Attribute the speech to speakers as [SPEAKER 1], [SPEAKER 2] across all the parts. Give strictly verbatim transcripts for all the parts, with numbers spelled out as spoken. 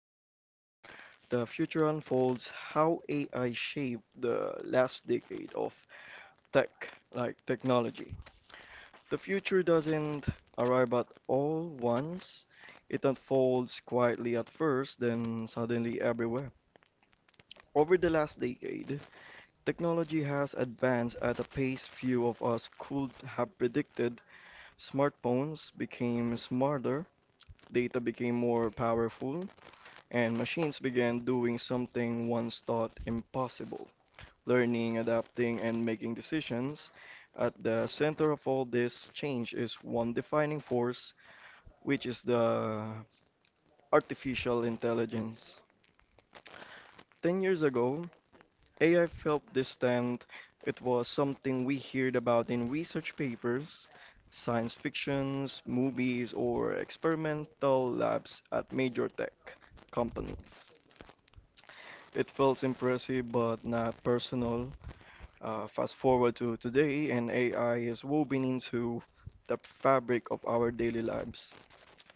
[SPEAKER 1] about the future unfolds, how A I shaped the last decade of tech, like technology. The future doesn't arrive at all once. It unfolds quietly at first, then suddenly everywhere. Over the last decade, technology has advanced at a pace few of us could have predicted. Smartphones became smarter, data became more powerful, and machines began doing something once thought impossible learning, adapting, and making decisions. At the center of all this change is one defining force, which is the artificial intelligence. ten years ago, A I felt distant. It was something we heard about in research papers, science fictions, movies, or experimental labs at major tech companies. It felt impressive but not personal. Uh, fast forward to today, and A I is woven into the fabric of our daily lives.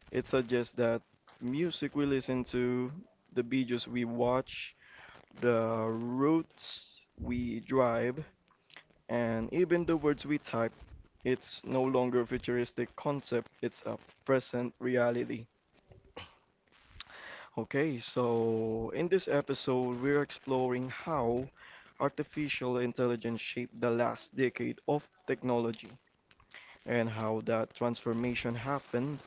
[SPEAKER 1] It suggests that music we listen to, the videos we watch, the routes we drive, and even the words we type. It's no longer a futuristic concept, it's a present reality. Okay, so in this episode, we're exploring how artificial intelligence shaped the last decade of technology and how that transformation happened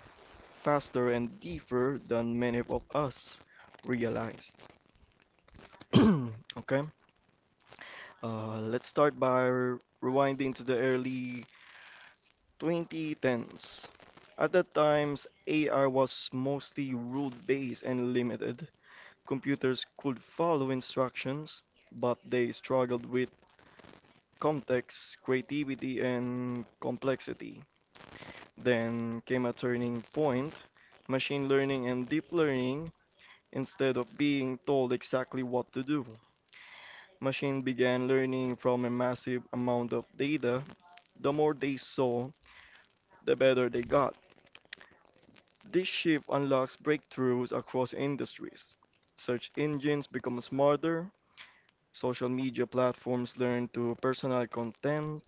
[SPEAKER 1] faster and deeper than many of us realize. Okay, uh, let's start by rewinding to the early twenty tens. At that time, A I was mostly rule-based and limited. Computers could follow instructions, but they struggled with context, creativity, and complexity. Then came a turning point. Machine learning and deep learning, instead of being told exactly what to do, machine began learning from a massive amount of data. The more they saw, the better they got. This shift unlocks breakthroughs across industries. Search engines become smarter, social media platforms learn to personalize content,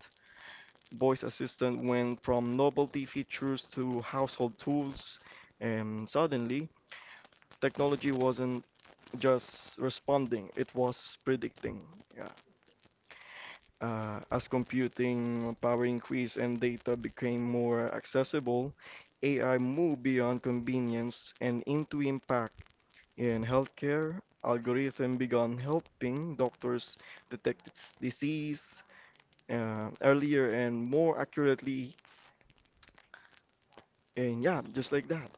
[SPEAKER 1] voice assistant went from novelty features to household tools, and suddenly technology wasn't just responding, it was predicting. Yeah. Uh, as computing power increased and data became more accessible, A I moved beyond convenience and into impact in healthcare. Algorithm began helping doctors detect its disease uh, earlier and more accurately, and yeah, just like that.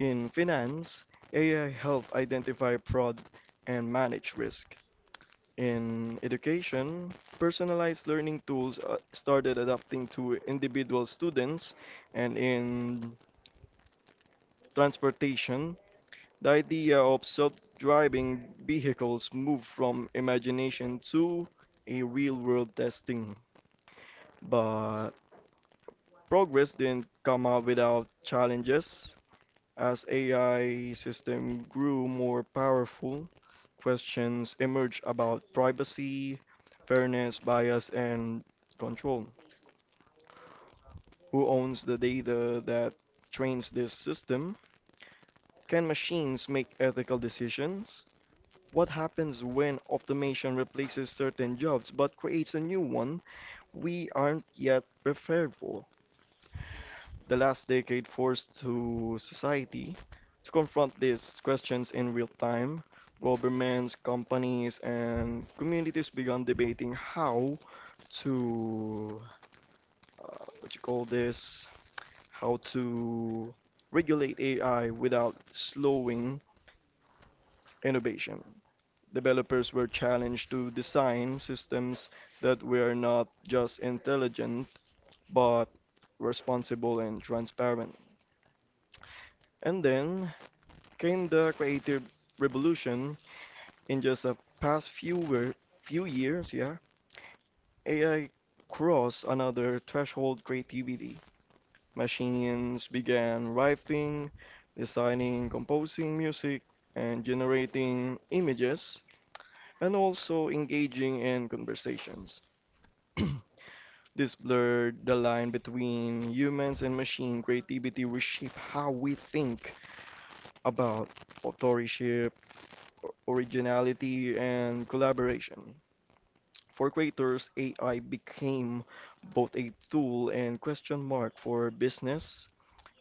[SPEAKER 1] In finance, A I helped identify fraud and manage risk. In education, personalized learning tools uh, started adapting to individual students, and in transportation, the idea of self-driving vehicles moved from imagination to a real-world testing. But progress didn't come out without challenges. As A I system grew more powerful, questions emerged about privacy, fairness, bias, and control. Who owns the data that trains this system? Can machines make ethical decisions? What happens when automation replaces certain jobs but creates a new one we aren't yet prepared for? The last decade forced to society to confront these questions in real time. Governments, companies, and communities began debating how to uh, what you call this, how to regulate A I without slowing innovation. Developers were challenged to design systems that were not just intelligent but responsible and transparent. And then came the creative revolution in just the past few few years, yeah. A I crossed another threshold creativity. Machines began writing, designing, composing music, and generating images, and also engaging in conversations. This blurred the line between humans and machine creativity, reshape how we think about authorship, originality and collaboration. For creators, A I became both a tool and question mark for business.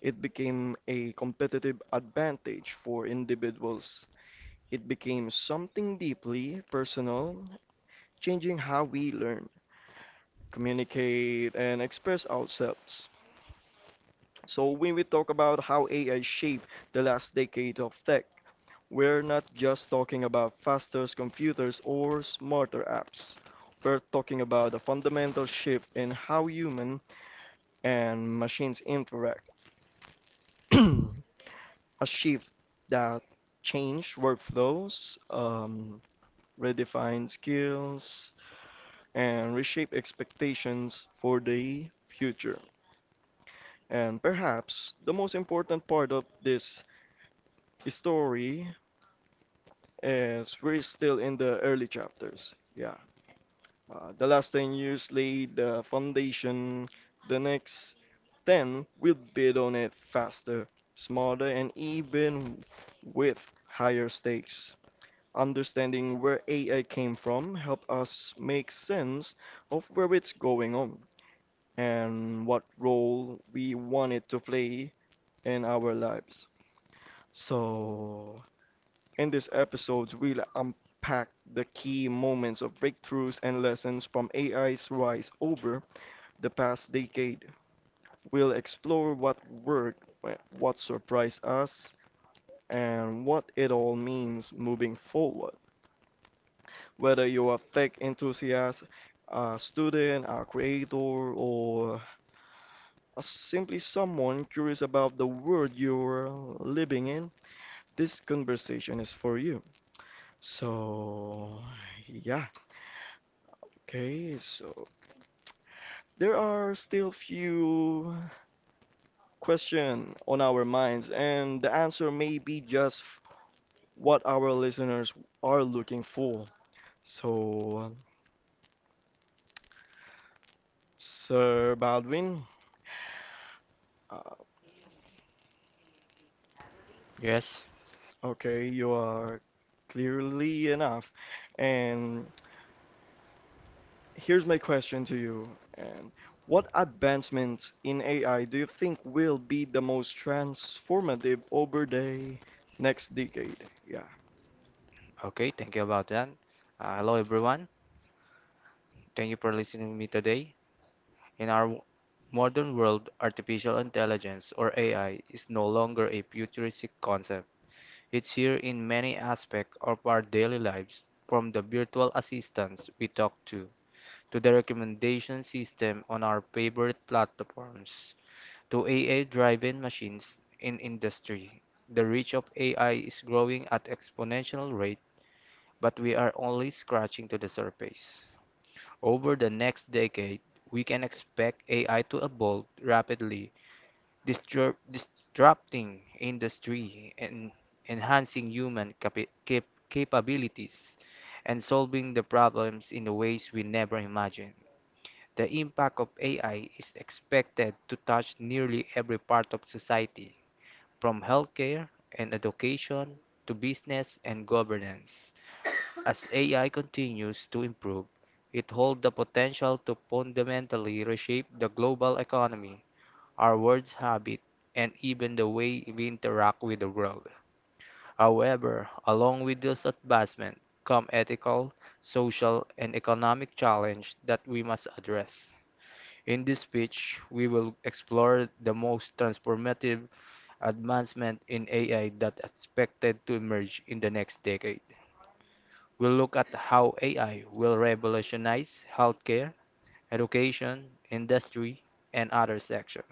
[SPEAKER 1] It became a competitive advantage for individuals. It became something deeply personal, changing how we learn, communicate, and express ourselves. So when we talk about how A I shaped the last decade of tech, we're not just talking about faster computers or smarter apps. We're talking about a fundamental shift in how human and machines interact. A shift that changed workflows, um, redefined skills, and reshape expectations for the future. And perhaps the most important part of this story is we're still in the early chapters. Yeah. Uh, the last ten years laid the foundation. The next ten will build on it faster, smarter, and even with higher stakes. Understanding where A I came from help us make sense of where it's going on and what role we want it to play in our lives. So, in this episode, we'll unpack the key moments of breakthroughs and lessons from A I's rise over the past decade. We'll explore what worked, what surprised us, and what it all means moving forward. Whether you're a tech enthusiast, a student, a creator, or simply someone curious about the world you're living in, this conversation is for you. So, yeah, okay, so there are still few questions on our minds, and the answer may be just what our listeners are looking for. So, Sir Baldwin, uh,
[SPEAKER 2] Yes.
[SPEAKER 1] okay, you are clearly enough. And here's my question to you. And what advancements in A I do you think will be the most transformative over the next decade? Yeah.
[SPEAKER 2] Okay. Thank you about that. Uh, hello, everyone. Thank you for listening to me today. In our w- modern world, artificial intelligence or A I is no longer a futuristic concept. It's here in many aspects of our daily lives, from the virtual assistants we talk to to the recommendation system on our favorite platforms to A I-driven machines in industry. The reach of A I is growing at exponential rate, but we are only scratching to the surface. Over the next decade, we can expect A I to evolve rapidly, disrupt, disrupting industry and enhancing human capi- cap- capabilities and solving the problems in the ways we never imagined. The impact of A I is expected to touch nearly every part of society, from healthcare and education to business and governance. As A I continues to improve, it holds the potential to fundamentally reshape the global economy, our words habit, and even the way we interact with the world. However, along with this advancement come ethical, social, and economic challenges that we must address. In this speech, we will explore the most transformative advancement in A I that expected to emerge in the next decade. We'll look at how A I will revolutionize healthcare, education, industry, and other sectors.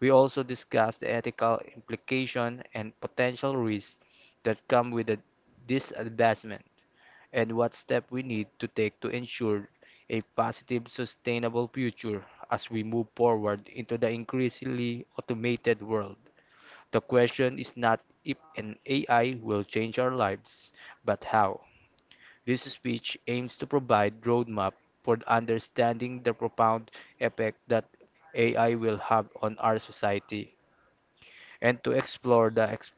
[SPEAKER 2] We also discuss the ethical implication and potential risks that come with this advancement and what steps we need to take to ensure a positive, sustainable future as we move forward into the increasingly automated world. The question is not if an A I will change our lives, but how. This speech aims to provide roadmap for understanding the profound effect that A I will have on our society and to explore the ex-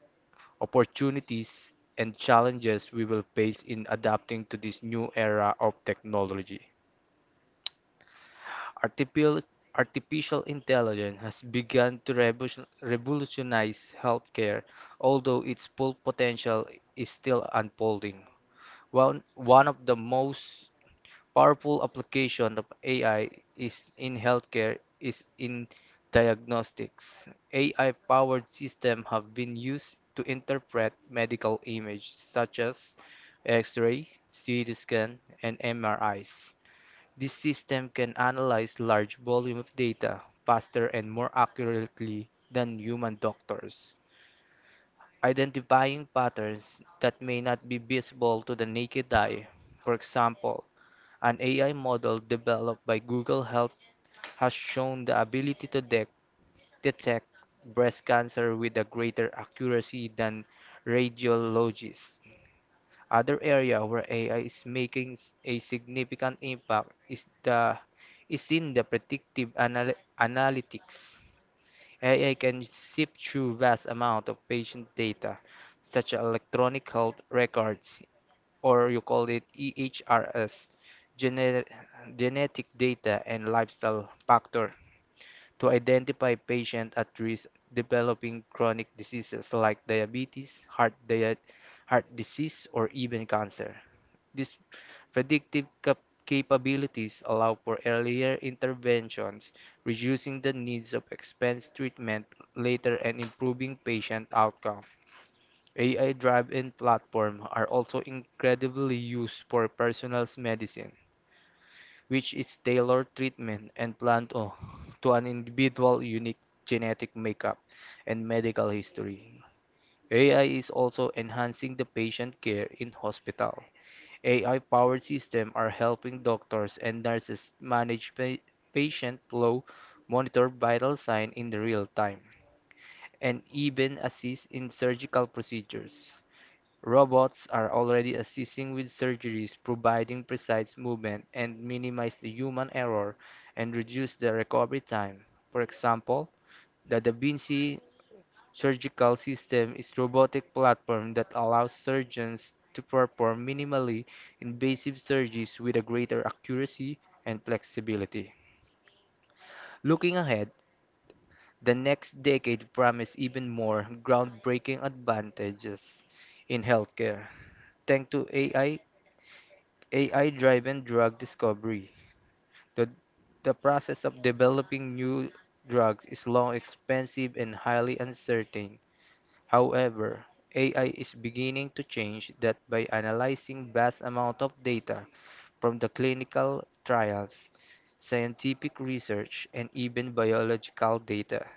[SPEAKER 2] opportunities and challenges we will face in adapting to this new era of technology. Artificial, artificial intelligence has begun to revolution- revolutionize healthcare, although its full potential is still unfolding. One, one of the most powerful application of A I is in healthcare is in diagnostics. A I-powered systems have been used to interpret medical images such as X-ray, C T scan, and M R Is. This system can analyze large volume of data faster and more accurately than human doctors, identifying patterns that may not be visible to the naked eye. For example, an A I model developed by Google Health has shown the ability to de- detect breast cancer with a greater accuracy than radiologists. Other area where A I is making s- a significant impact is the is in the predictive anal- analytics. A I can sift through vast amount of patient data, such as electronic health records, or you call it E H R S, gene- genetic data and lifestyle factor, to identify patients at risk developing chronic diseases like diabetes, heart, dia- heart disease, or even cancer. These predictive cap- capabilities allow for earlier interventions, reducing the needs of expensive treatment later and improving patient outcome. A I drive-in platform are also incredibly used for personalized medicine, which is tailored treatment and plan to, to an individual unique genetic makeup and medical history. A I is also enhancing the patient care in hospital. A I-powered systems are helping doctors and nurses manage pa- patient flow, monitor vital signs in real time, and even assist in surgical procedures. Robots are already assisting with surgeries, providing precise movement and minimize the human error and reduce the recovery time. For example, the Da Vinci surgical system is a robotic platform that allows surgeons to perform minimally invasive surgeries with a greater accuracy and flexibility. Looking ahead, the next decade promises even more groundbreaking advantages in healthcare thanks to A I. A I-driven drug discovery. The, the process of developing new drugs is long, expensive, and highly uncertain. However, A I is beginning to change that by analyzing vast amount of data from the clinical trials, scientific research, and even biological data.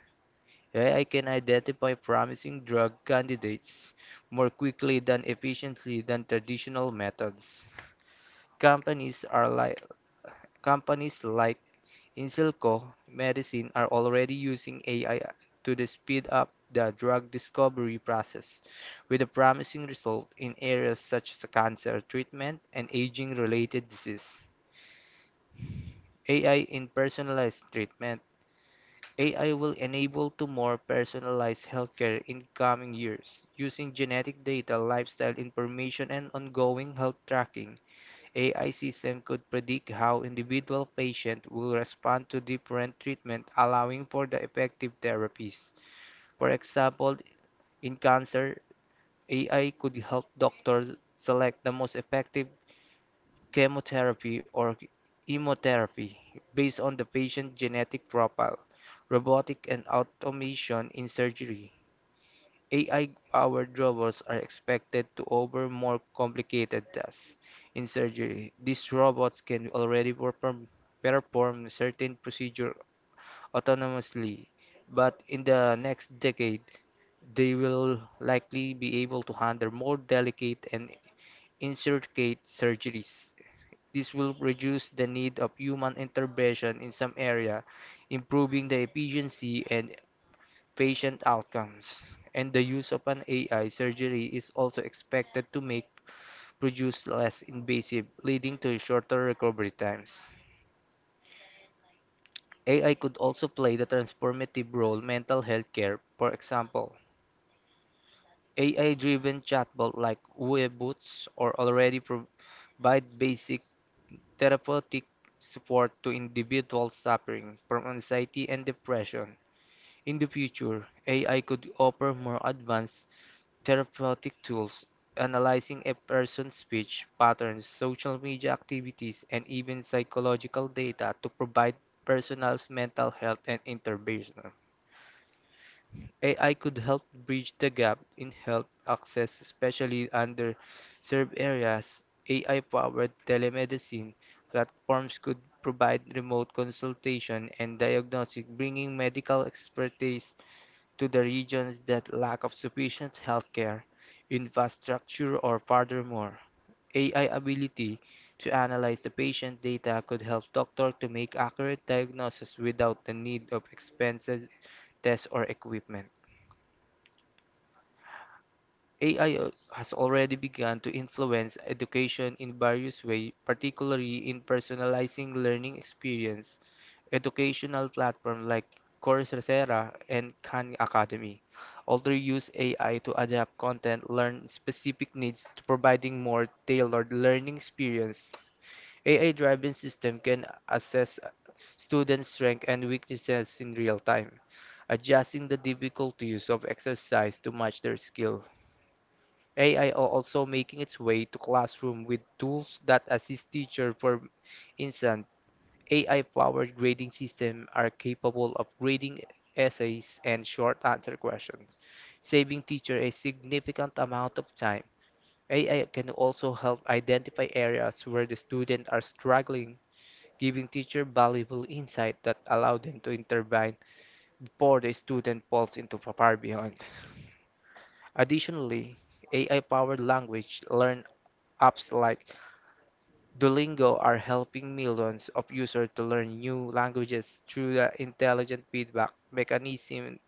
[SPEAKER 2] A I can identify promising drug candidates more quickly than efficiently than traditional methods. Companies are like companies like Inselco Medicine are already using A I to the speed up the drug discovery process, with a promising result in areas such as cancer treatment and aging-related disease. A I in personalized treatment. A I will enable to more personalized healthcare in coming years, using genetic data, lifestyle information, and ongoing health tracking. A I system could predict how individual patient will respond to different treatment, allowing for the effective therapies. For example, in cancer, A I could help doctors select the most effective chemotherapy or immunotherapy based on the patient's genetic profile. Robotic and automation in surgery. A I-powered robots are expected to over more complicated tasks. In surgery, these robots can already perform, perform certain procedures autonomously, but in the next decade, they will likely be able to handle more delicate and intricate surgeries. This will reduce the need of human intervention in some area, improving the efficiency and patient outcomes, and the use of an A I surgery is also expected to make produce less invasive, leading to shorter recovery times. A I could also play the transformative role in mental health care. For example, A I-driven chatbot like Weeboots or already provide basic therapeutic support to individuals suffering from anxiety and depression. In the future, A I could offer more advanced therapeutic tools, analyzing a person's speech patterns, social media activities, and even psychological data to provide personalized mental health and intervention. A I could help bridge the gap in health access, especially underserved areas. A I-powered telemedicine platforms could provide remote consultation and diagnostic, bringing medical expertise to the regions that lack of sufficient healthcare infrastructure or furthermore, A I ability to analyze the patient data could help doctors to make accurate diagnosis without the need of expensive tests or equipment. A I al- has already begun to influence education in various ways, particularly in personalizing learning experience. Educational platforms like Coursera and Khan Academy also use A I to adapt content, learn specific needs to providing more tailored learning experience. A I-driven system can assess students' strengths and weaknesses in real time, adjusting the difficulties of exercise to match their skill. A I are also making its way to classroom with tools that assist teacher. For instance, A I-powered grading systems are capable of grading essays and short answer questions, saving teacher a significant amount of time. A I can also help identify areas where the students are struggling, giving teacher valuable insight that allow them to intervene before the student falls into far behind. Additionally, A I-powered language learn apps like Duolingo are helping millions of users to learn new languages through the intelligent feedback mechanism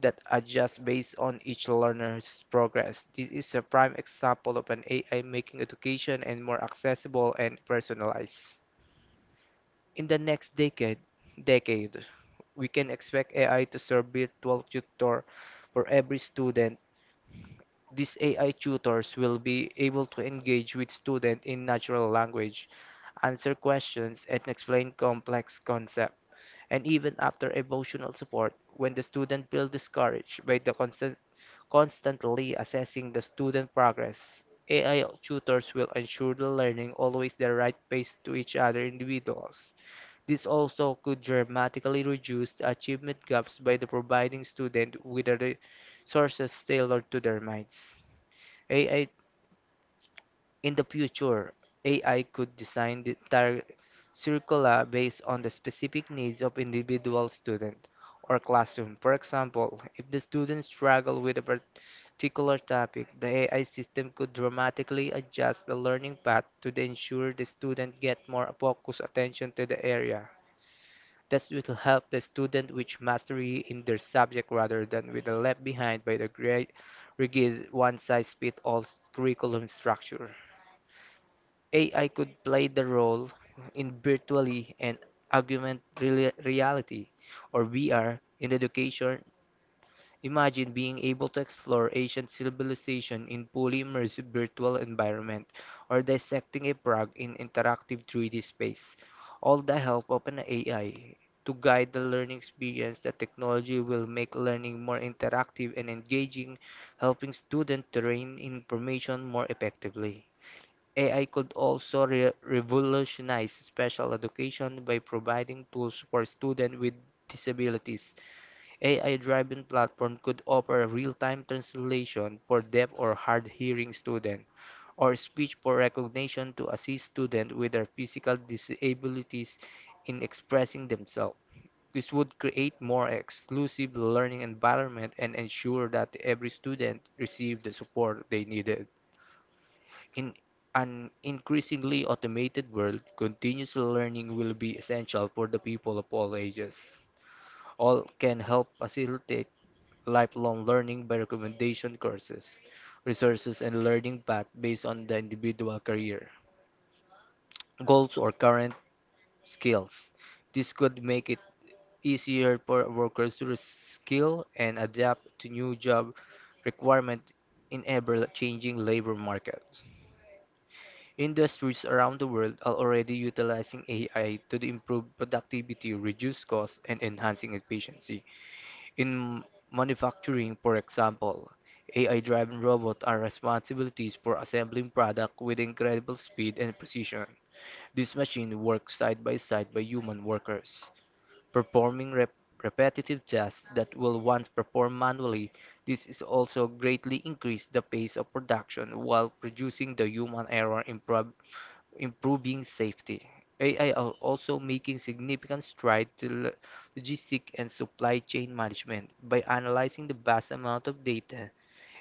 [SPEAKER 2] that adjusts based on each learner's progress. This is a prime example of an A I making education and more accessible and personalized. In the next decade, decade, we can expect A I to serve virtual tutor for every student. These A I tutors will be able to engage with students in natural language, answer questions, and explain complex concepts, and even after emotional support when the student feels discouraged by the constant, constantly assessing the student progress. A I tutors will ensure the learning always the right pace to each other individuals. This also could dramatically reduce the achievement gaps by the providing students with a re- sources tailored to their minds. A I in the future, A I could design the entire curricula based on the specific needs of individual student or classroom. For example, if the students struggle with a particular topic, the A I system could dramatically adjust the learning path to ensure the student get more focused attention to the area. This will help the student reach mastery in their subject rather than with the left behind by the great rigid one-size-fits-all curriculum structure. A I could play the role in virtually and augmented reality or V R in education. Imagine being able to explore ancient civilization in fully immersive virtual environment or dissecting a frog in interactive three D space, all the help of an A I to guide the learning experience. The technology will make learning more interactive and engaging, helping students to retain information more effectively. A I could also re- revolutionize special education by providing tools for students with disabilities. A I-driven platform could offer real-time translation for deaf or hard-hearing students, or speech for recognition to assist students with their physical disabilities in expressing themselves. This would create more exclusive learning environment and ensure that every student received the support they needed. In an increasingly automated world, continuous learning will be essential for the people of all ages. All can help facilitate lifelong learning by recommendation courses, resources, and learning paths based on the individual career, goals, or current skills. This could make it easier for workers to skill and adapt to new job requirements in ever-changing labor markets. Industries around the world are already utilizing A I to improve productivity, reduce costs, and enhancing efficiency. In manufacturing, for example, A I-driven robots are responsibilities for assembling products with incredible speed and precision. These machines work side by side by human workers, performing rep- repetitive tasks that were once performed manually. This is also greatly increased the pace of production while reducing the human error improv- improving safety. A I are also making significant strides to lo- logistic and supply chain management by analyzing the vast amount of data.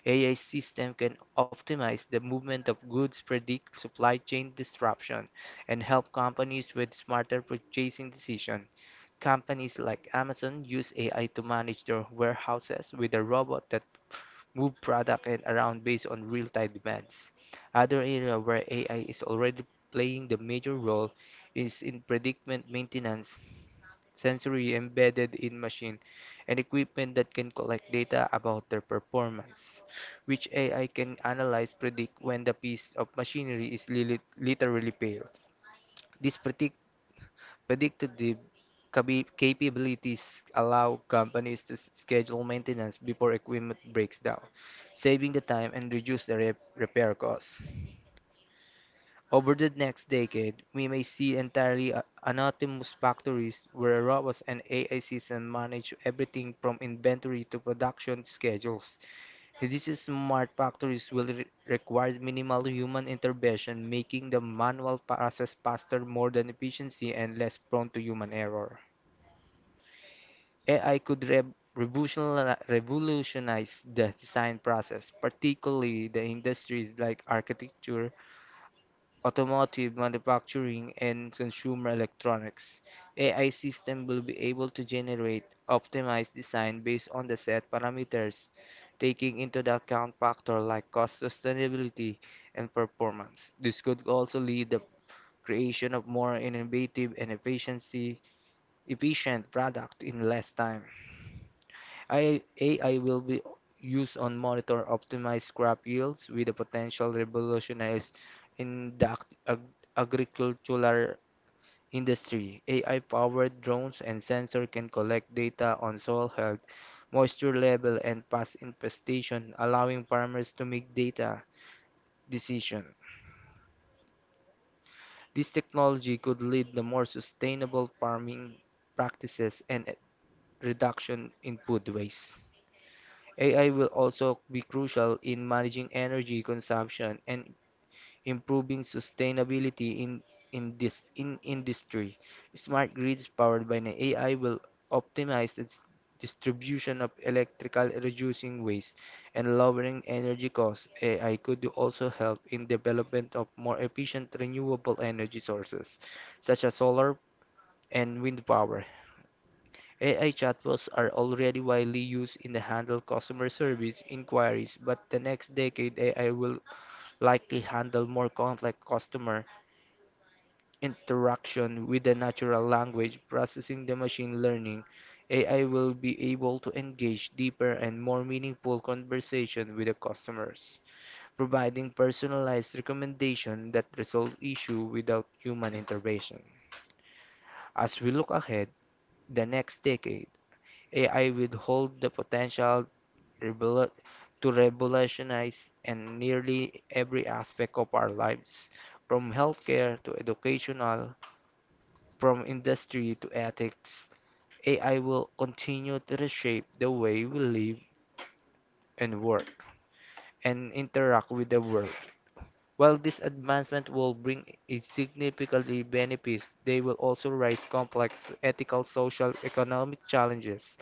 [SPEAKER 2] A I system can optimize the movement of goods, predict supply chain disruption, and help companies with smarter purchasing decisions. Companies like Amazon use A I to manage their warehouses with a robot that move product and around based on real-time demands. Other area where A I is already playing the major role is in predicament maintenance, sensory embedded in machine, and equipment that can collect data about their performance, which A I can analyze predict when the piece of machinery is li- literally failed. This predict Predictive cabi- capabilities allow companies to s- schedule maintenance before equipment breaks down, saving the time and reduce the re- repair costs. Over the next decade, we may see entirely a- autonomous factories where robots and A I systems manage everything from inventory to production schedules. These smart factories will re- require minimal human intervention, making the manual process faster, more than efficiency, and less prone to human error. A I could rev- revolutionali- revolutionize the design process, particularly the industries like architecture, automotive manufacturing, and consumer electronics. A I system will be able to generate optimized design based on the set parameters, taking into the account factors like cost, sustainability, and performance. This could also lead the creation of more innovative and efficiency efficient product in less time. A I will be used on monitor optimized crop yields with a potential revolutionize in the ag- ag- agricultural industry. A I-powered drones and sensor can collect data on soil health, moisture level, and past infestation, allowing farmers to make data decision. This technology could lead to more sustainable farming practices and a reduction in food waste. A I will also be crucial in managing energy consumption and improving sustainability in in this in industry. Smart grids powered by an A I will optimize its distribution of electrical, reducing waste and lowering energy costs. A I could also help in development of more efficient renewable energy sources such as solar and wind power. A I chatbots are already widely used in the handle customer service inquiries, but the next decade A I will likely handle more complex customer interaction with the natural language processing the machine learning. A I will be able to engage deeper and more meaningful conversation with the customers, providing personalized recommendation that resolve issue without human intervention. As we look ahead, the next decade, A I will hold the potential revolu- to revolutionize and nearly every aspect of our lives, from healthcare to educational, from industry to ethics. A I will continue to reshape the way we live and work and interact with the world. While this advancement will bring a significantly benefits, they will also raise complex ethical, social, economic challenges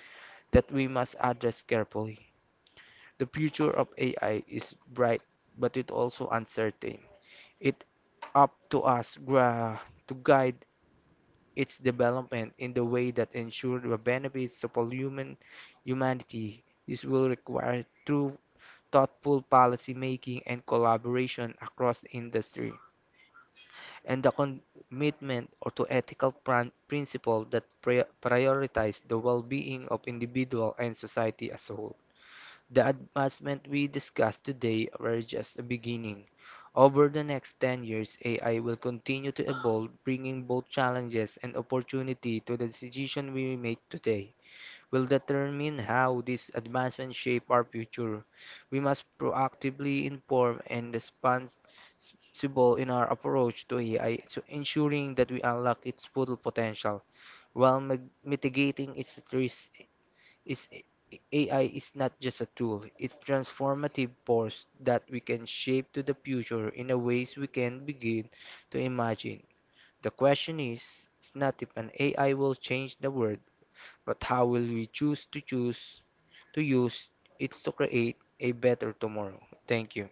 [SPEAKER 2] that we must address carefully. The future of A I is bright, but it also uncertain. It up to us gra- to guide its development in the way that ensures the benefits to all human humanity. This will require true thoughtful policy making and collaboration across the industry and the commitment or to ethical pran- principle that pri- prioritize the well-being of individual and society as a whole. The advancements we discussed today were just a beginning. Over the next ten years, A I will continue to evolve, bringing both challenges and opportunity to the decision we make today. Will determine how these advancements shape our future. We must proactively inform and responsible in our approach to A I, so ensuring that we unlock its full potential while mitigating its risks is A I is not just a tool, it's transformative force that we can shape to the future in a ways we can begin to imagine. The question is, is not if an A I will change the world, but how will we choose to choose to use it to create a better tomorrow. Thank you.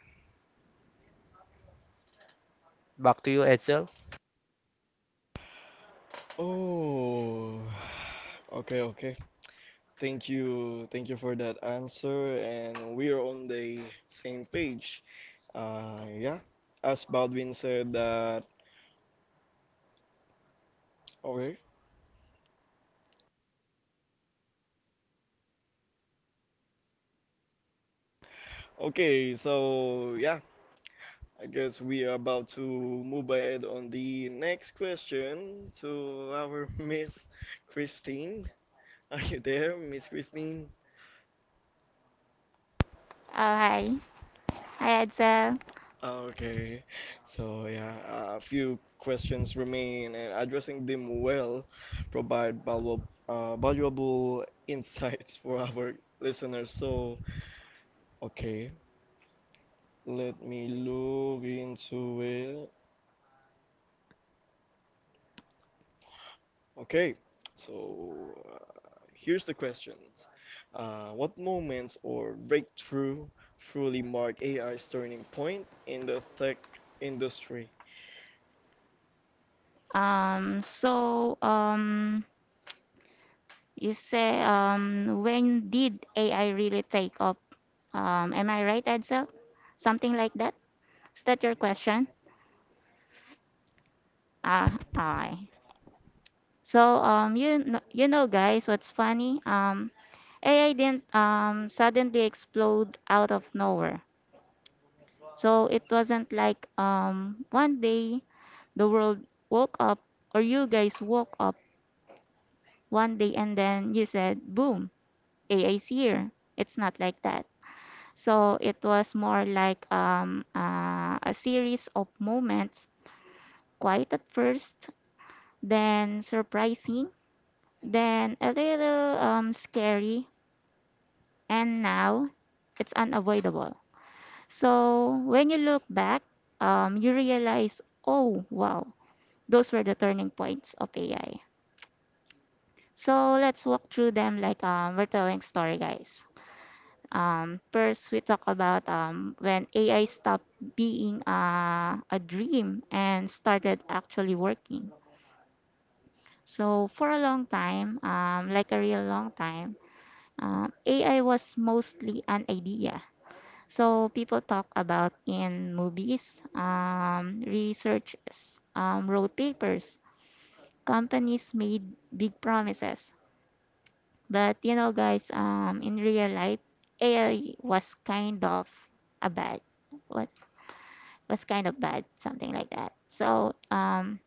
[SPEAKER 2] Back to you, Edsel.
[SPEAKER 1] Oh, okay, okay. Thank you, thank you for that answer, and we are on the same page. Uh, yeah, as Baldwin said that. Okay, okay, so yeah, I guess we are about to move ahead on the next question to our Miss Christine. Are you there, Miss Christine?
[SPEAKER 3] Oh, hi. Hi, Edsel.
[SPEAKER 1] Okay, so yeah, a few questions remain, and addressing them well provide valuable, uh, valuable insights for our listeners. So, okay, let me look into it. Okay, so uh, here's the questions. Uh, what moments or breakthrough truly mark A I's turning point in the tech industry?
[SPEAKER 3] Um, so, um, you say, um, when did A I really take up? Um, am I right, Edsel? Something like that? Is that your question? Ah, hi. So, um, you know, you know, guys, what's funny? Um, A I didn't, um, suddenly explode out of nowhere. So it wasn't like, um, one day the world woke up or you guys woke up one day and then you said, boom. A A's year. It's not like that. So it was more like um, uh, a series of moments, quiet at first, then surprising, then a little um, scary, and now it's unavoidable. So when you look back, um, you realize, oh wow, those were the turning points of A I. So let's walk through them like um, we're telling story, guys. Um, first, we talk about um, when A I stopped being uh, a dream and started actually working. So, for a long time, um, like a real long time, um, A I was mostly an idea. So, people talk about in movies, um, researchers um, wrote papers, companies made big promises. But, you know, guys, um, in real life, A I was kind of a bad what was kind of bad, something like that. So um,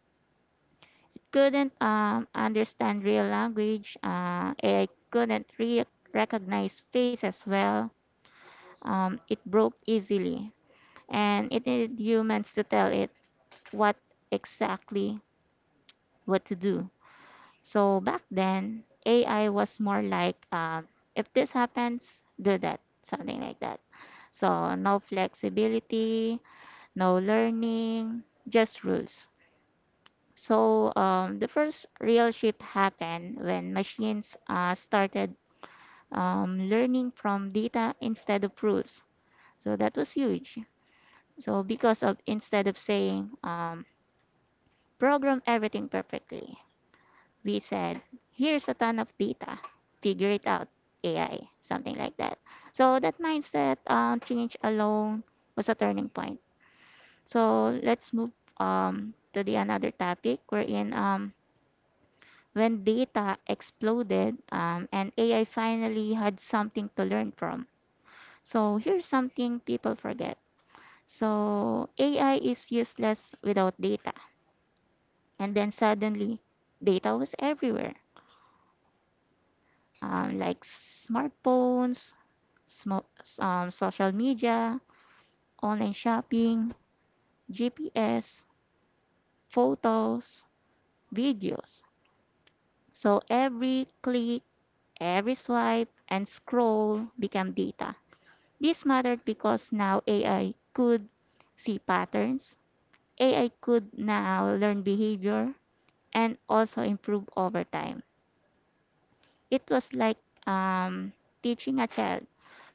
[SPEAKER 3] couldn't um, understand real language. Uh, I couldn't re- recognize faces well. Um, it broke easily, and it needed humans to tell it what exactly what to do. So back then, A I was more like um, if this happens, do that, something like that. So no flexibility, no learning, just rules. So um, the first real shift happened when machines uh, started um, learning from data instead of rules. So that was huge. So because of instead of saying um, program everything perfectly, we said here's a ton of data, figure it out, A I, something like that. So that mindset uh, change alone was a turning point. So let's move um, to the another topic wherein um, when data exploded um, and A I finally had something to learn from. So here's something people forget. So A I is useless without data. And then suddenly, data was everywhere, um, like smartphones, smo- um, social media, online shopping, G P S, photos, videos. So every click, every swipe, and scroll became data. This mattered because now A I could see patterns, A I could now learn behavior, and also improve over time. It was like um, teaching a child,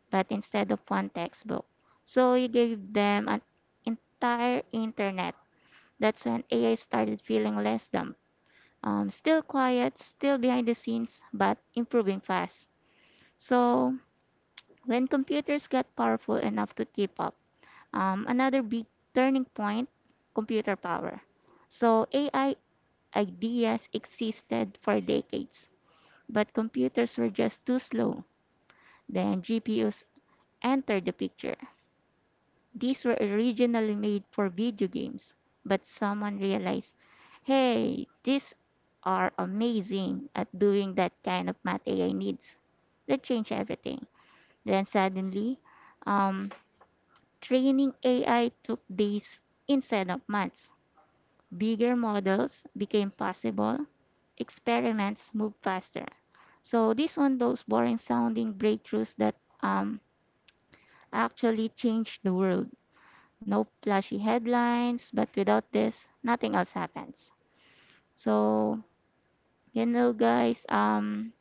[SPEAKER 3] but instead of one textbook. So you gave them an entire internet. That's when A I started feeling less dumb. Um, still quiet, still behind the scenes, but improving fast. So when computers got powerful enough to keep up, Um, another big turning point computer power. So, A I ideas existed for decades, but computers were just too slow. Then, G P Us entered the picture. These were originally made for video games, but someone realized hey, these are amazing at doing that kind of math A I needs. That changed everything. Then suddenly, um, training A I took days instead of months. Bigger models became possible, experiments moved faster. So this one, those boring sounding breakthroughs that um, actually changed the world. No flashy headlines, but without this, nothing else happens. So you know, guys, um,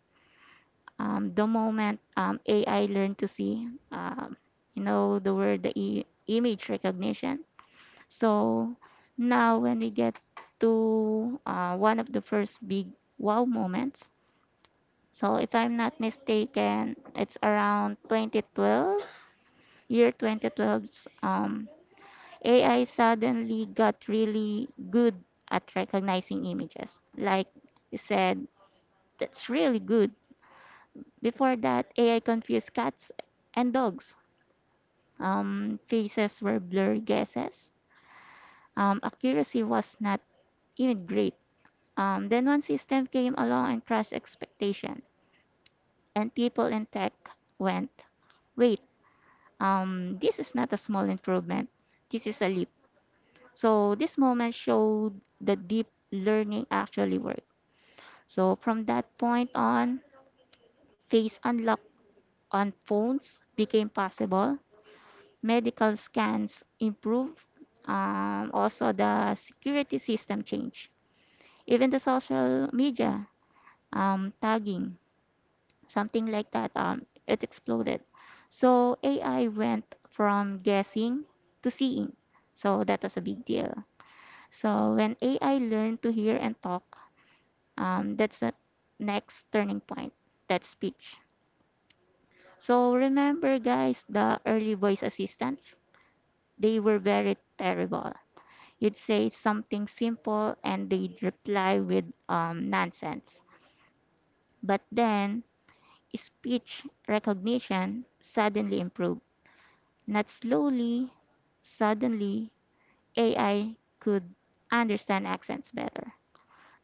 [SPEAKER 3] um, the moment um, A I learned to see, um, you know, the word, the e- image recognition. So now when we get to uh, one of the first big wow moments, so if I'm not mistaken, it's around twenty twelve, year 2012's um, A I suddenly got really good at recognizing images. Like you said, that's really good. Before that, A I confused cats and dogs. Um, faces were blurry guesses. Um, accuracy was not even great. Um, then one system came along and crushed expectation, and people in tech went, wait, um, this is not a small improvement. This is a leap. So this moment showed the deep learning actually worked. So from that point on, face unlock on phones became possible. Medical scans improved. Um, also, the security system changed. Even the social media um, tagging something like that. Um, it exploded. So A I went from guessing to seeing. So that was a big deal. So when A I learned to hear and talk, um, that's the next turning point. That's speech. So remember, guys, the early voice assistants, they were very terrible. You'd say something simple and they'd reply with um, nonsense. But then speech recognition suddenly improved. Not slowly, suddenly, A I could understand accents better,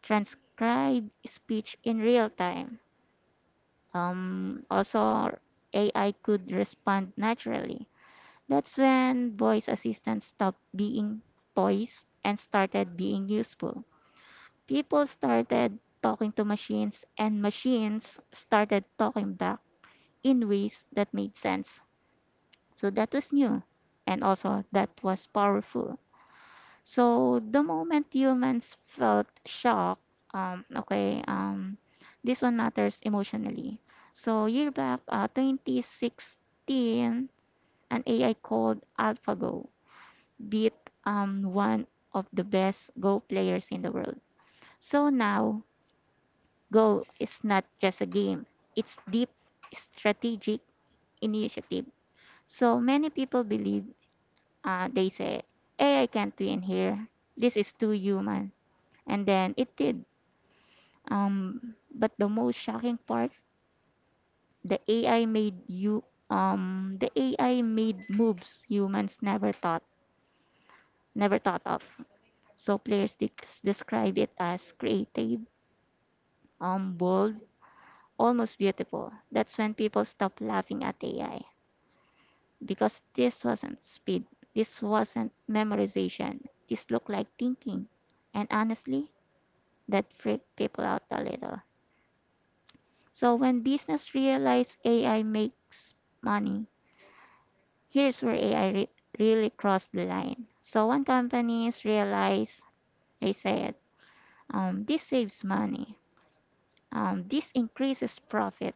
[SPEAKER 3] transcribe speech in real time. Um, also, A I could respond naturally. That's when voice assistants stopped being toys and started being useful. People started talking to machines, and machines started talking back in ways that made sense. So that was new, and also that was powerful. So the moment humans felt shock, um, okay, um, this one matters emotionally. So year back, uh, twenty sixteen, an A I called AlphaGo beat um, one of the best Go players in the world. So now, Go is not just a game; it's deep strategic initiative. So many people believe uh, they say A I can't win here. This is too human, and then it did. Um, but the most shocking part, the A I made you um the A I made moves humans never thought never thought of. So players de- describe it as creative, um, bold, almost beautiful. That's when people stopped laughing at A I because this wasn't speed, this wasn't memorization. This looked like thinking, and honestly, that freaked people out a little. So when business realized A I makes money, here's where A I re- really crossed the line. So when companies realize, they said, um, this saves money, um, this increases profit,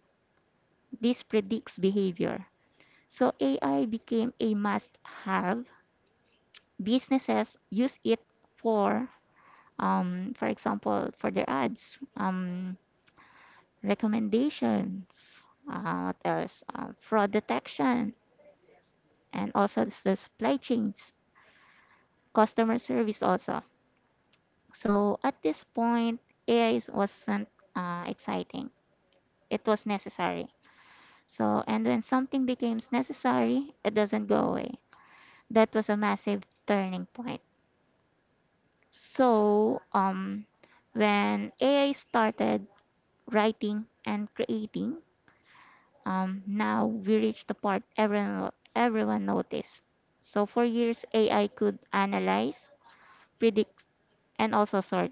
[SPEAKER 3] this predicts behavior. So A I became a must-have. Businesses use it for, um, for example, for their ads, um, recommendations, uh, what else, uh, fraud detection, and also the supply chains, customer service also. So at this point, A I is- wasn't uh, exciting. It was necessary. So, and when something becomes necessary, it doesn't go away. That was a massive turning point. So, um, when A I started writing and creating, um, now we reached the part everyone, everyone noticed. So, for years, A I could analyze, predict, and also sort.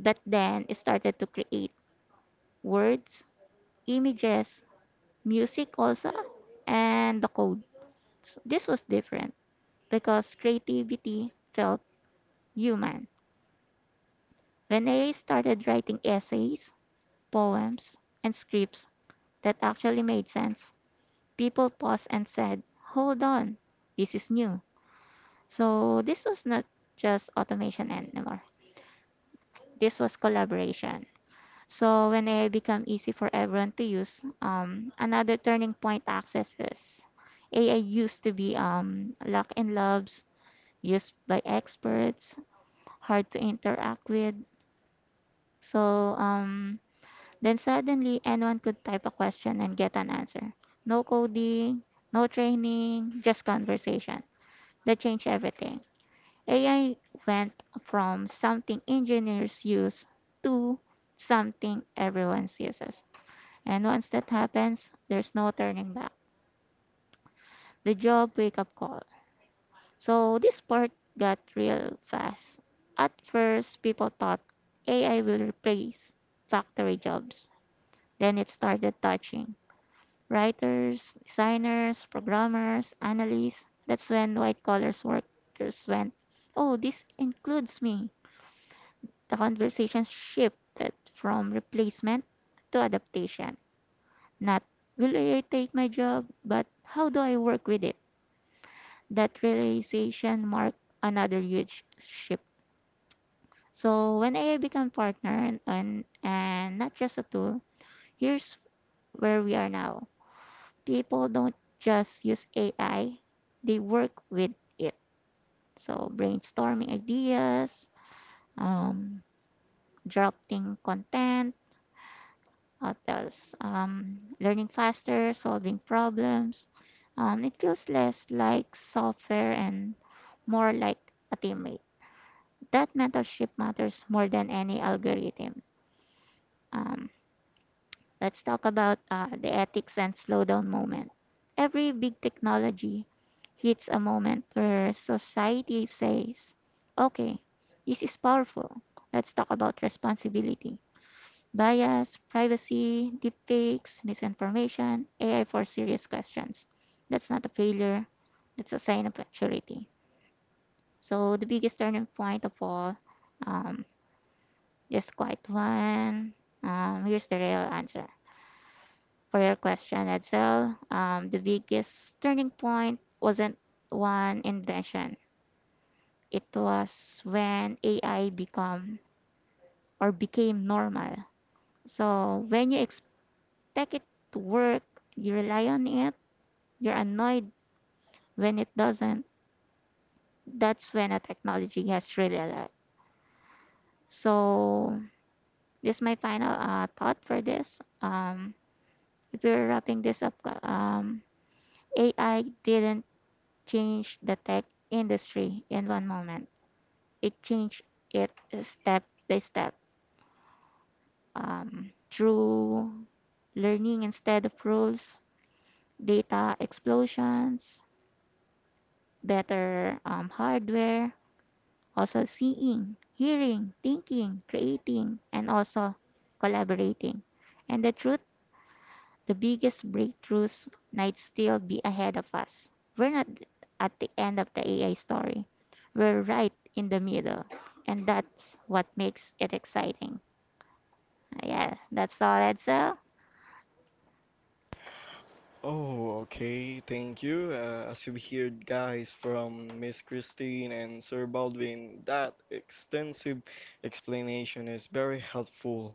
[SPEAKER 3] But then it started to create words, images, music also, and the code. So this was different because creativity felt human. When I started writing essays, poems, and scripts that actually made sense, people paused and said, "Hold on, this is new." So this was not just automation anymore. This was collaboration. So when A I become easy for everyone to use, um, another turning point access is A I used to be um, locked in labs used by experts, hard to interact with. So um, then suddenly anyone could type a question and get an answer. No coding, no training, just conversation. That changed everything. A I went from something engineers use to something everyone uses. And once that happens, there's no turning back. The job wake up call. So this part got real fast. At first, people thought A I will replace factory jobs. Then it started touching writers, designers, programmers, analysts. That's when white collar workers went, oh, this includes me. The conversation shifted from replacement to adaptation. Not will A I take my job, but how do I work with it? That realization marked another huge shift. So when A I become partner and, and and not just a tool, here's where we are now. People don't just use A I; they work with it. So brainstorming ideas, um, drafting content, what else? Um, learning faster, solving problems. Um, it feels less like software and more like a teammate. That mentorship matters more than any algorithm. Um, Let's talk about uh, the ethics and slowdown moment. Every big technology hits a moment where society says, okay, this is powerful. Let's talk about responsibility. Bias, privacy, deepfakes, misinformation, A I for serious questions. That's not a failure, that's a sign of maturity. So, the biggest turning point of all, um, just quite one. Um, here's the real answer for your question, Edsel. Um, the biggest turning point wasn't one invention. It was when A I become or became normal. So when you expect it to work, you rely on it, you're annoyed when it doesn't. That's when a technology has really arrived. So this is my final uh, thought for this. Um, if we're wrapping this up, um, A I didn't change the tech industry in one moment. It changed it step by step um, through learning instead of rules, data explosions, better um, hardware, also seeing, hearing, thinking, creating, and also collaborating. And the truth, the biggest breakthroughs might still be ahead of us. We're not at the end of the A I story, we're right in the middle, and that's what makes it exciting. Yes, that's all, Edsel.
[SPEAKER 1] Oh, okay. Thank you. Uh, as you've heard, guys, from Miss Christine and Sir Baldwin, that extensive explanation is very helpful.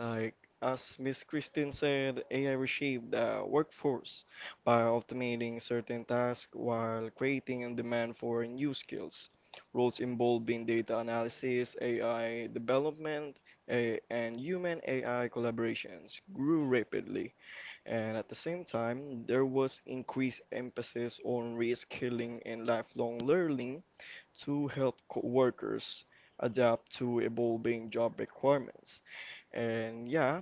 [SPEAKER 1] Like, as Miss Christine said, A I reshaped the workforce by automating certain tasks while creating a demand for new skills. Roles involving data analysis, A I development, a- and human A I collaborations grew rapidly and at the same time, there was increased emphasis on reskilling and lifelong learning to help co- workers adapt to evolving job requirements. And yeah,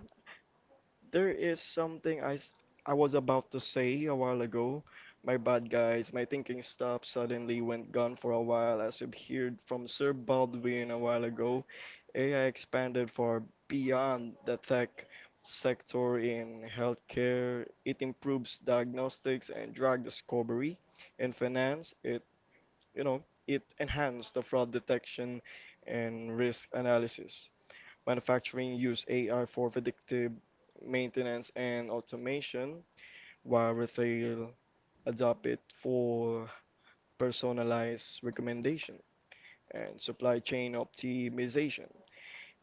[SPEAKER 1] there is something I, s- I was about to say a while ago. My bad, guys. My thinking stopped suddenly, went gone for a while, as you've heard from Sir Baldwin a while ago. A I expanded far beyond the tech sector in healthcare. It improves diagnostics and drug discovery. In finance, it you know it enhanced the fraud detection and risk analysis. Manufacturing use A I for predictive maintenance and automation, while retail adopt it for personalized recommendation and supply chain optimization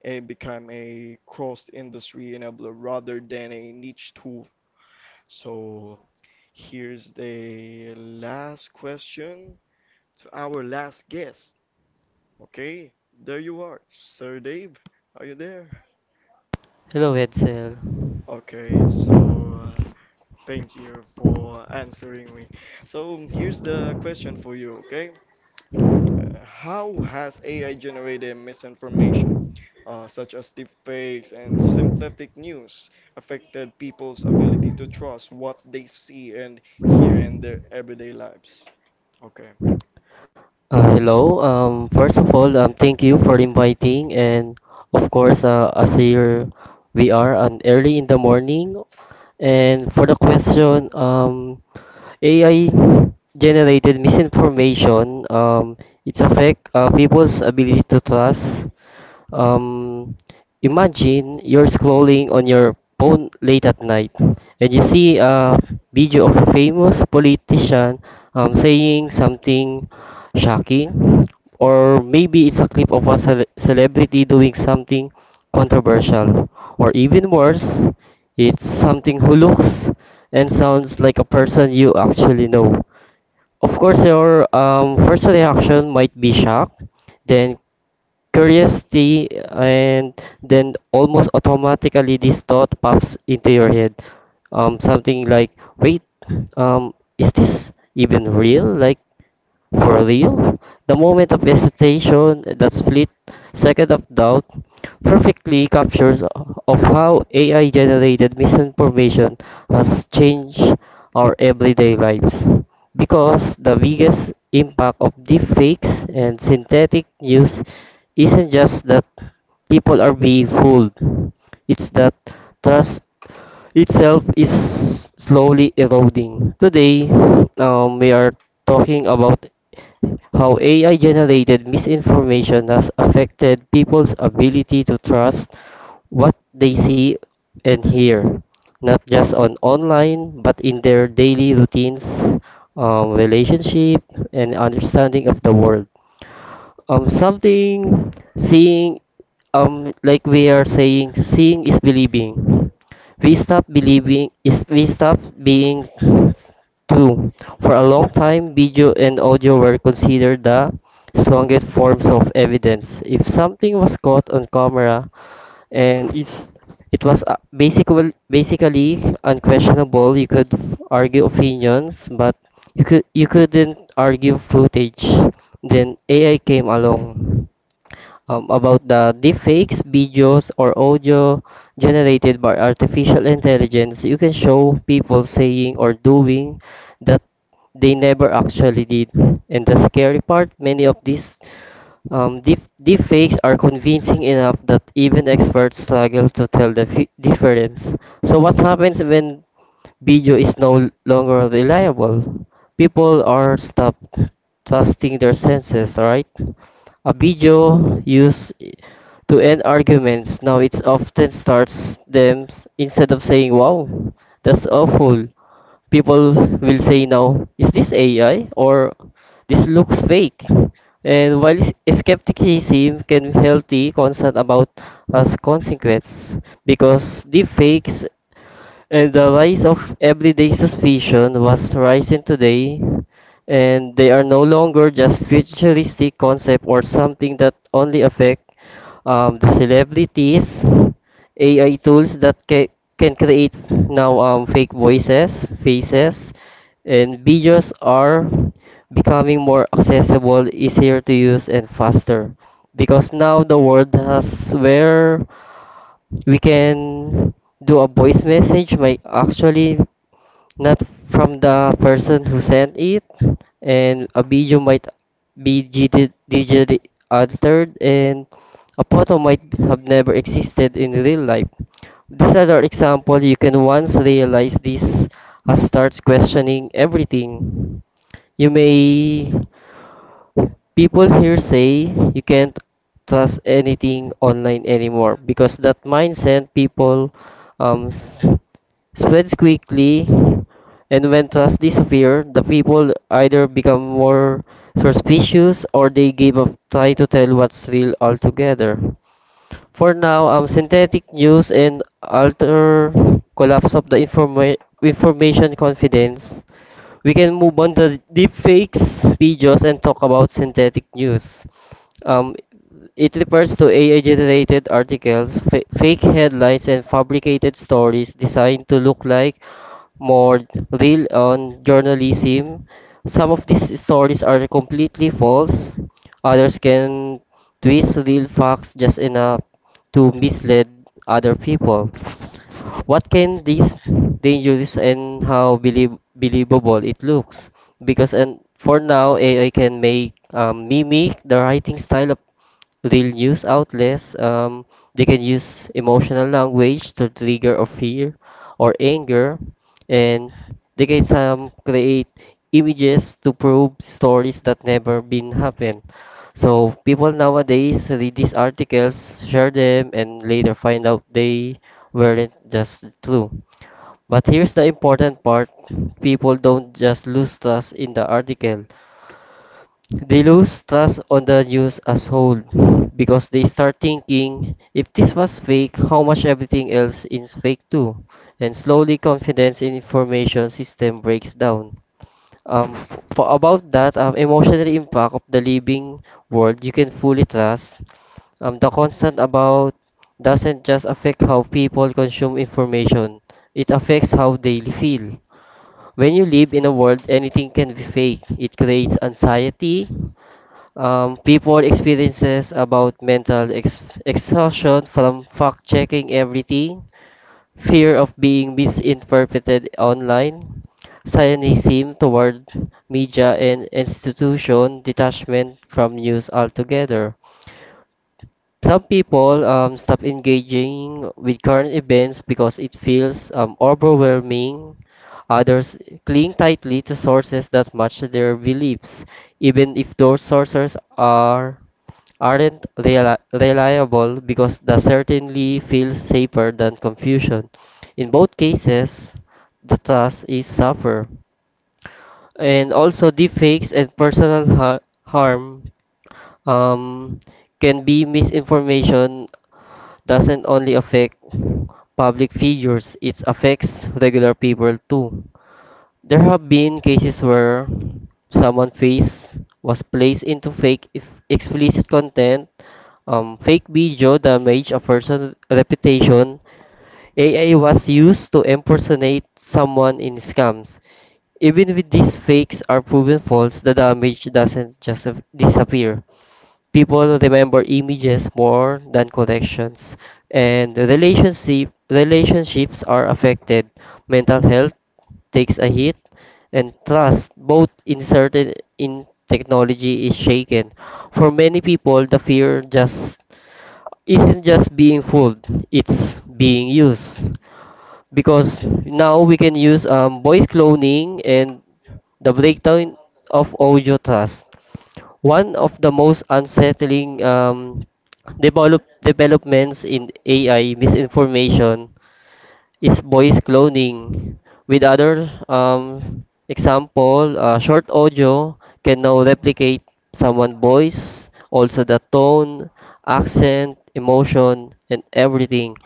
[SPEAKER 1] and become a cross-industry enabler rather than a niche tool. So here's the last question to our last guest. Okay, there you are, Sir Dave. Are you there?
[SPEAKER 4] Hello, Edsel.
[SPEAKER 1] Okay, so uh, thank you for answering me. So here's the question for you, okay? Uh, how has A I generated misinformation, uh, such as deepfakes and synthetic news, affected people's ability to trust what they see and hear in their everyday lives? Okay.
[SPEAKER 4] Uh, hello. Um, first of all, um, thank you for inviting, and of course, uh, as here we are on early in the morning. And for the question, um, A I generated misinformation. Um, it's affect uh, people's ability to trust. Um, imagine you're scrolling on your phone late at night and you see a video of a famous politician um, saying something shocking, or maybe it's a clip of a cele- celebrity doing something controversial, or even worse, it's something who looks and sounds like a person you actually know. Of course, your um, first reaction might be shock, then curiosity, and then almost automatically this thought pops into your head. Um, something like, wait, um, is this even real? Like, for real? The moment of hesitation, that split second of doubt, perfectly captures of how A I-generated misinformation has changed our everyday lives. Because the biggest impact of deepfakes and synthetic news isn't just that people are being fooled, it's that trust itself is slowly eroding. Today, um, we are talking about how A I generated misinformation has affected people's ability to trust what they see and hear, not just on online, but in their daily routines, um, relationship, and understanding of the world. Um something seeing, um like we are saying, seeing is believing. We stop believing is we stop being true. For a long time video and audio were considered the strongest forms of evidence. If something was caught on camera and it's it was uh, basically basically unquestionable. You could argue opinions, but you could you couldn't argue footage. Then A I came along. Um, about the deepfakes, videos, or audio generated by artificial intelligence, you can show people saying or doing that they never actually did. And the scary part, many of these um, deep deep fakes are convincing enough that even experts struggle to tell the fi- difference. So what happens when video is no longer reliable? People are stopped trusting their senses, right? A video used to end arguments, now it often starts them. S- instead of saying, "Wow, that's awful," people will say now, is this A I or this looks fake? And while s- skepticism can be healthy, concern about as consequence, because deepfakes and the rise of everyday suspicion was rising today, and they are no longer just futuristic concept or something that only affect um, the celebrities. A I tools that ca- can create now um, fake voices, faces, and videos are becoming more accessible, easier to use, and faster. Because now the world has where we can do a voice message might actually not from the person who sent it, and a video might be digit- digitally altered, and a photo might have never existed in real life. These are the example. You can once realize this, uh, starts questioning everything, you may. People here say you can't trust anything online anymore, because that mindset people um, s- spreads quickly, and when trust disappears, the people either become more suspicious or they give up trying to tell what's real altogether. For now, um, synthetic news and alter collapse of the informa- information confidence, we can move on to deepfakes videos and talk about synthetic news. Um, it refers to A I-generated articles, fa- fake headlines, and fabricated stories designed to look like more real on journalism. Some of these stories are completely false. Others can twist real facts just enough to mislead other people. What can this dangerous and how belie- believable it looks? Because and for now, A I can make um, mimic the writing style of they'll use outlets. Um, they can use emotional language to trigger or fear or anger, and they can some create images to prove stories that never been happened. So people nowadays read these articles, share them, and later find out they weren't just true. But here's the important part: people don't just lose trust in the article; they lose trust on the news as whole, because they start thinking if this was fake, how much everything else is fake too. And slowly confidence in information system breaks down. Um, for about that um, emotional impact of the living world you can fully trust, um, the constant about doesn't just affect how people consume information, it affects how they feel. When you live in a world anything can be fake, it creates anxiety. Um, people experiences about mental ex- exhaustion from fact checking everything, fear of being misinterpreted online, cynicism toward media and institution, detachment from news altogether. Some people um, stop engaging with current events because it feels um, overwhelming. Others cling tightly to sources that match their beliefs, even if those sources are aren't reali- reliable, because the certainly feels safer than confusion. In both cases, the task is suffer. And also deepfakes and personal ha- harm, um, can be misinformation doesn't only affect public figures, it affects regular people too. There have been cases where someone face was placed into fake if explicit content, um, fake video damage a person's reputation. A I was used to impersonate someone in scams. Even with these fakes are proven false, the damage doesn't just disappear. People remember images more than connections, and relationship relationships are affected. Mental health takes a hit, and trust, both inserted in technology, is shaken. For many people, the fear just isn't just being fooled, it's being used. Because now we can use um, voice cloning and the breakdown of audio trust. One of the most unsettling um, develop, developments in A I misinformation is voice cloning. With other um, example, uh, short audio can now replicate someone's voice, also the tone, accent, emotion, and everything.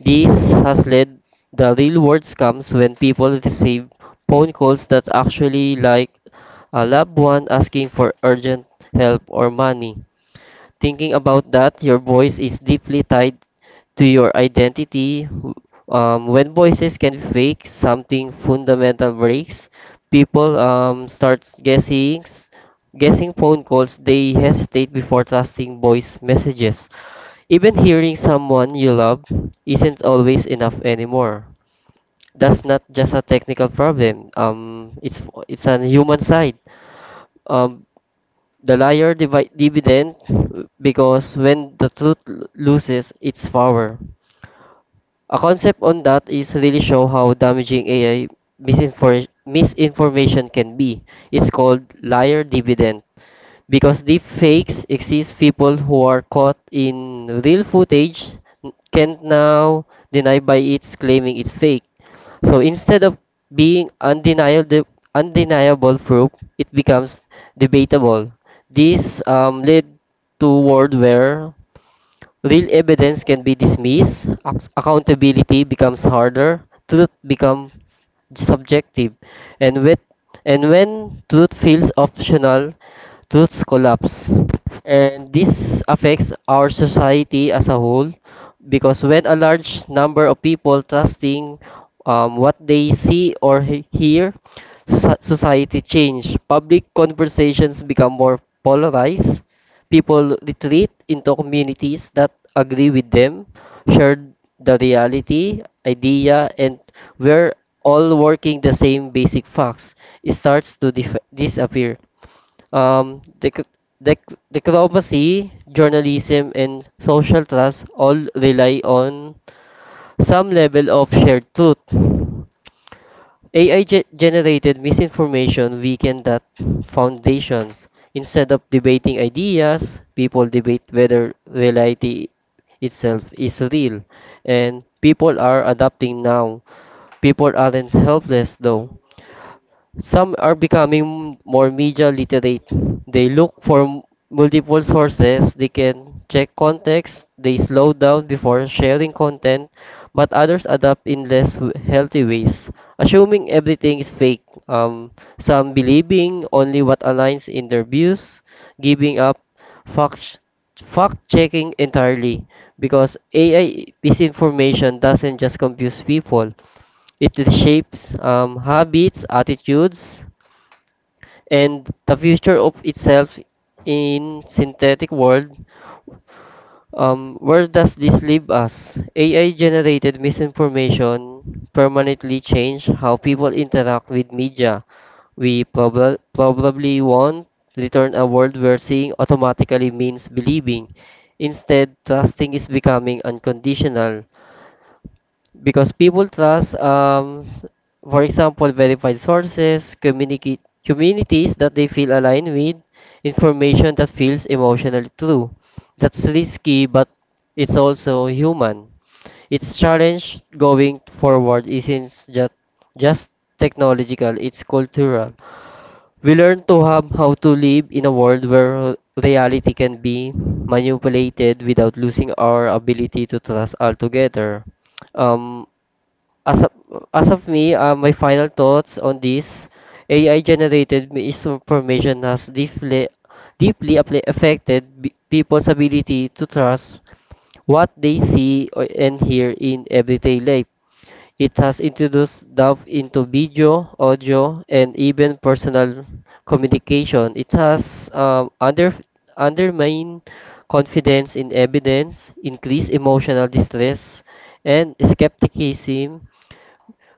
[SPEAKER 4] This has led the real world scams when people receive phone calls that actually like a loved one asking for urgent help or money. Thinking about that, your voice is deeply tied to your identity. Um, when voices can fake, something fundamental breaks. People um, start guessing, guessing phone calls. They hesitate before trusting voice messages. Even hearing someone you love isn't always enough anymore. That's not just a technical problem. Um, it's it's a human side. Um, the liar divi- dividend, because when the truth l- loses its power. A concept on that is really show how damaging A I misinfor- misinformation can be. It's called liar dividend. Because deep fakes exist, people who are caught in real footage can't now deny by its claiming it's fake. So instead of being undeniable, undeniable proof, it becomes debatable. This um, led to world where real evidence can be dismissed, ac- accountability becomes harder, truth becomes subjective, and with and when truth feels optional, truths collapse. And this affects our society as a whole, because when a large number of people trusting um, what they see or he- hear, soci- society change. Public conversations become more polarized. People retreat into communities that agree with them, share the reality, idea, and we're all working the same basic facts. It starts to dif- disappear. Um, dec- dec- diplomacy, journalism, and social trust all rely on some level of shared truth. A I ge- generated misinformation weakened that foundations. Instead of debating ideas, people debate whether reality itself is real. And people are adapting now. People aren't helpless though. Some are becoming more media literate. They look for m- multiple sources, they can check context, they slow down before sharing content, but others adapt in less w- healthy ways. Assuming everything is fake, um, some believing only what aligns in their views, giving up fact fact checking entirely, because A I misinformation doesn't just confuse people, it shapes um, habits, attitudes, and the future of itself in synthetic world. Um, where does this leave us? A I-generated misinformation permanently change how people interact with media. We prob- probably won't return a world where seeing automatically means believing. Instead, trusting is becoming unconditional, because people trust, um, for example, verified sources, communicate communities that they feel aligned with, information that feels emotionally true. That's risky, but it's also human. Its challenge going forward isn't just just technological; it's cultural. We learn to have how to live in a world where reality can be manipulated without losing our ability to trust altogether. Um, as of, as of me, uh, my final thoughts on this. A I generated misinformation has deeply, deeply appli affected b- people's ability to trust what they see or- and hear in everyday life. It has introduced doubt into video, audio, and even personal communication. It has um, under, undermined confidence in evidence, increased emotional distress, and skepticism.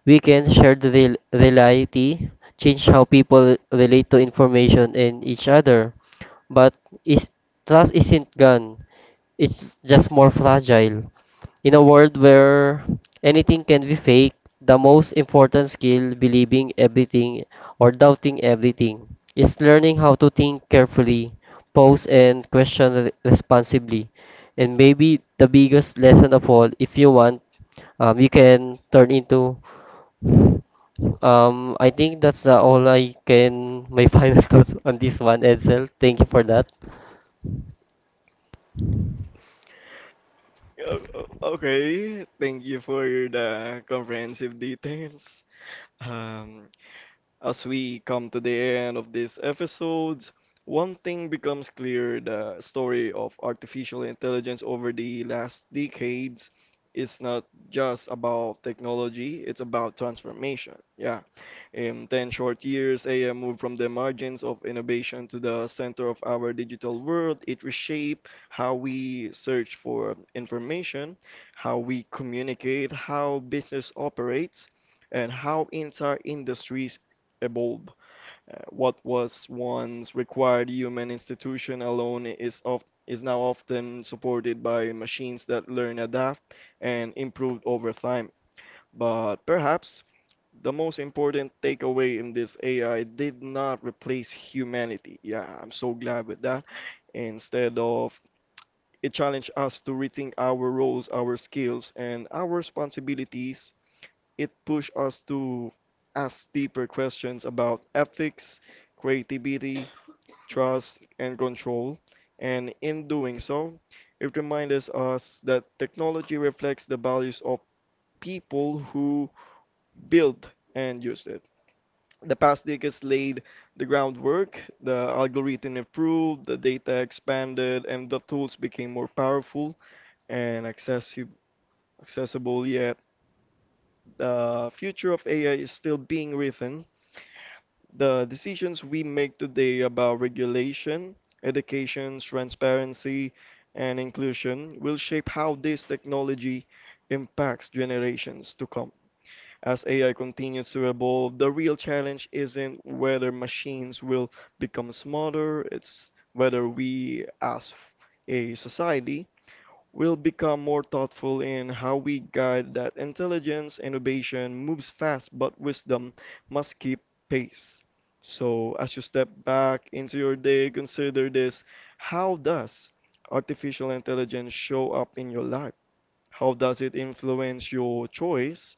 [SPEAKER 4] Weekends, shared rel- reality, change how people relate to information and each other. But is, trust isn't gone, it's just more fragile. In a world where anything can be fake, the most important skill, believing everything or doubting everything, is learning how to think carefully, pause and question re- responsibly. And maybe the biggest lesson of all, if you want, um, you can turn into um, I think that's uh, all I can, my final thoughts on this one, Edsel. Thank you for that.
[SPEAKER 1] O- o- Okay, thank you for the comprehensive details. Um, As we come to the end of these episodes, one thing becomes clear the story of artificial intelligence over the last decades is not just about technology, it's about transformation. Yeah. In ten short years, A I moved from the margins of innovation to the center of our digital world. It reshaped how we search for information, how we communicate, how business operates, and how entire industries evolve. Uh, what was once required human institution alone is of is now often supported by machines that learn, adapt, and improve over time. But perhaps the most important takeaway in this A I did not replace humanity. Yeah, I'm so glad with that. Instead of it challenged us to rethink our roles, our skills, and our responsibilities. It pushed us to ask deeper questions about ethics, creativity, trust, and control. And in doing so, it reminds us that technology reflects the values of people who build and use it. The past decades laid the groundwork, the algorithm improved, the data expanded, and the tools became more powerful and accessi- accessible. Yet, the future of A I is still being written. The decisions we make today about regulation, education, transparency, and inclusion will shape how this technology impacts generations to come. As A I continues to evolve, the real challenge isn't whether machines will become smarter, it's whether we as a society will become more thoughtful in how we guide that intelligence. Innovation moves fast, but wisdom must keep pace. So, as you step back into your day, consider this. How does artificial intelligence show up in your life? How does it influence your choice?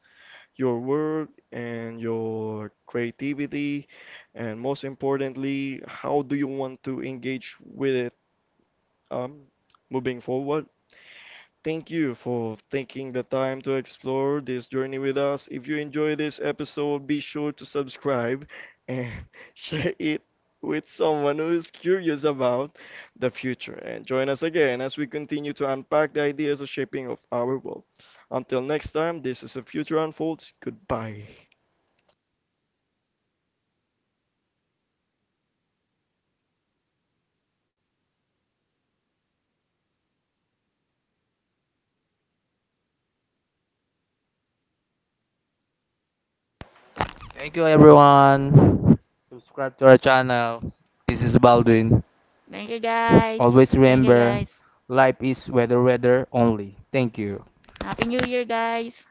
[SPEAKER 1] Your work and your creativity, and most importantly, how do you want to engage with it um, moving forward? Thank you for taking the time to explore this journey with us. If you enjoyed this episode, be sure to subscribe and share it with someone who is curious about the future. And join us again as we continue to unpack the ideas of shaping of our world. Until next time, this is the Future Unfolds. Goodbye.
[SPEAKER 3] Thank you, guys. Thank you, guys. Happy New Year, guys.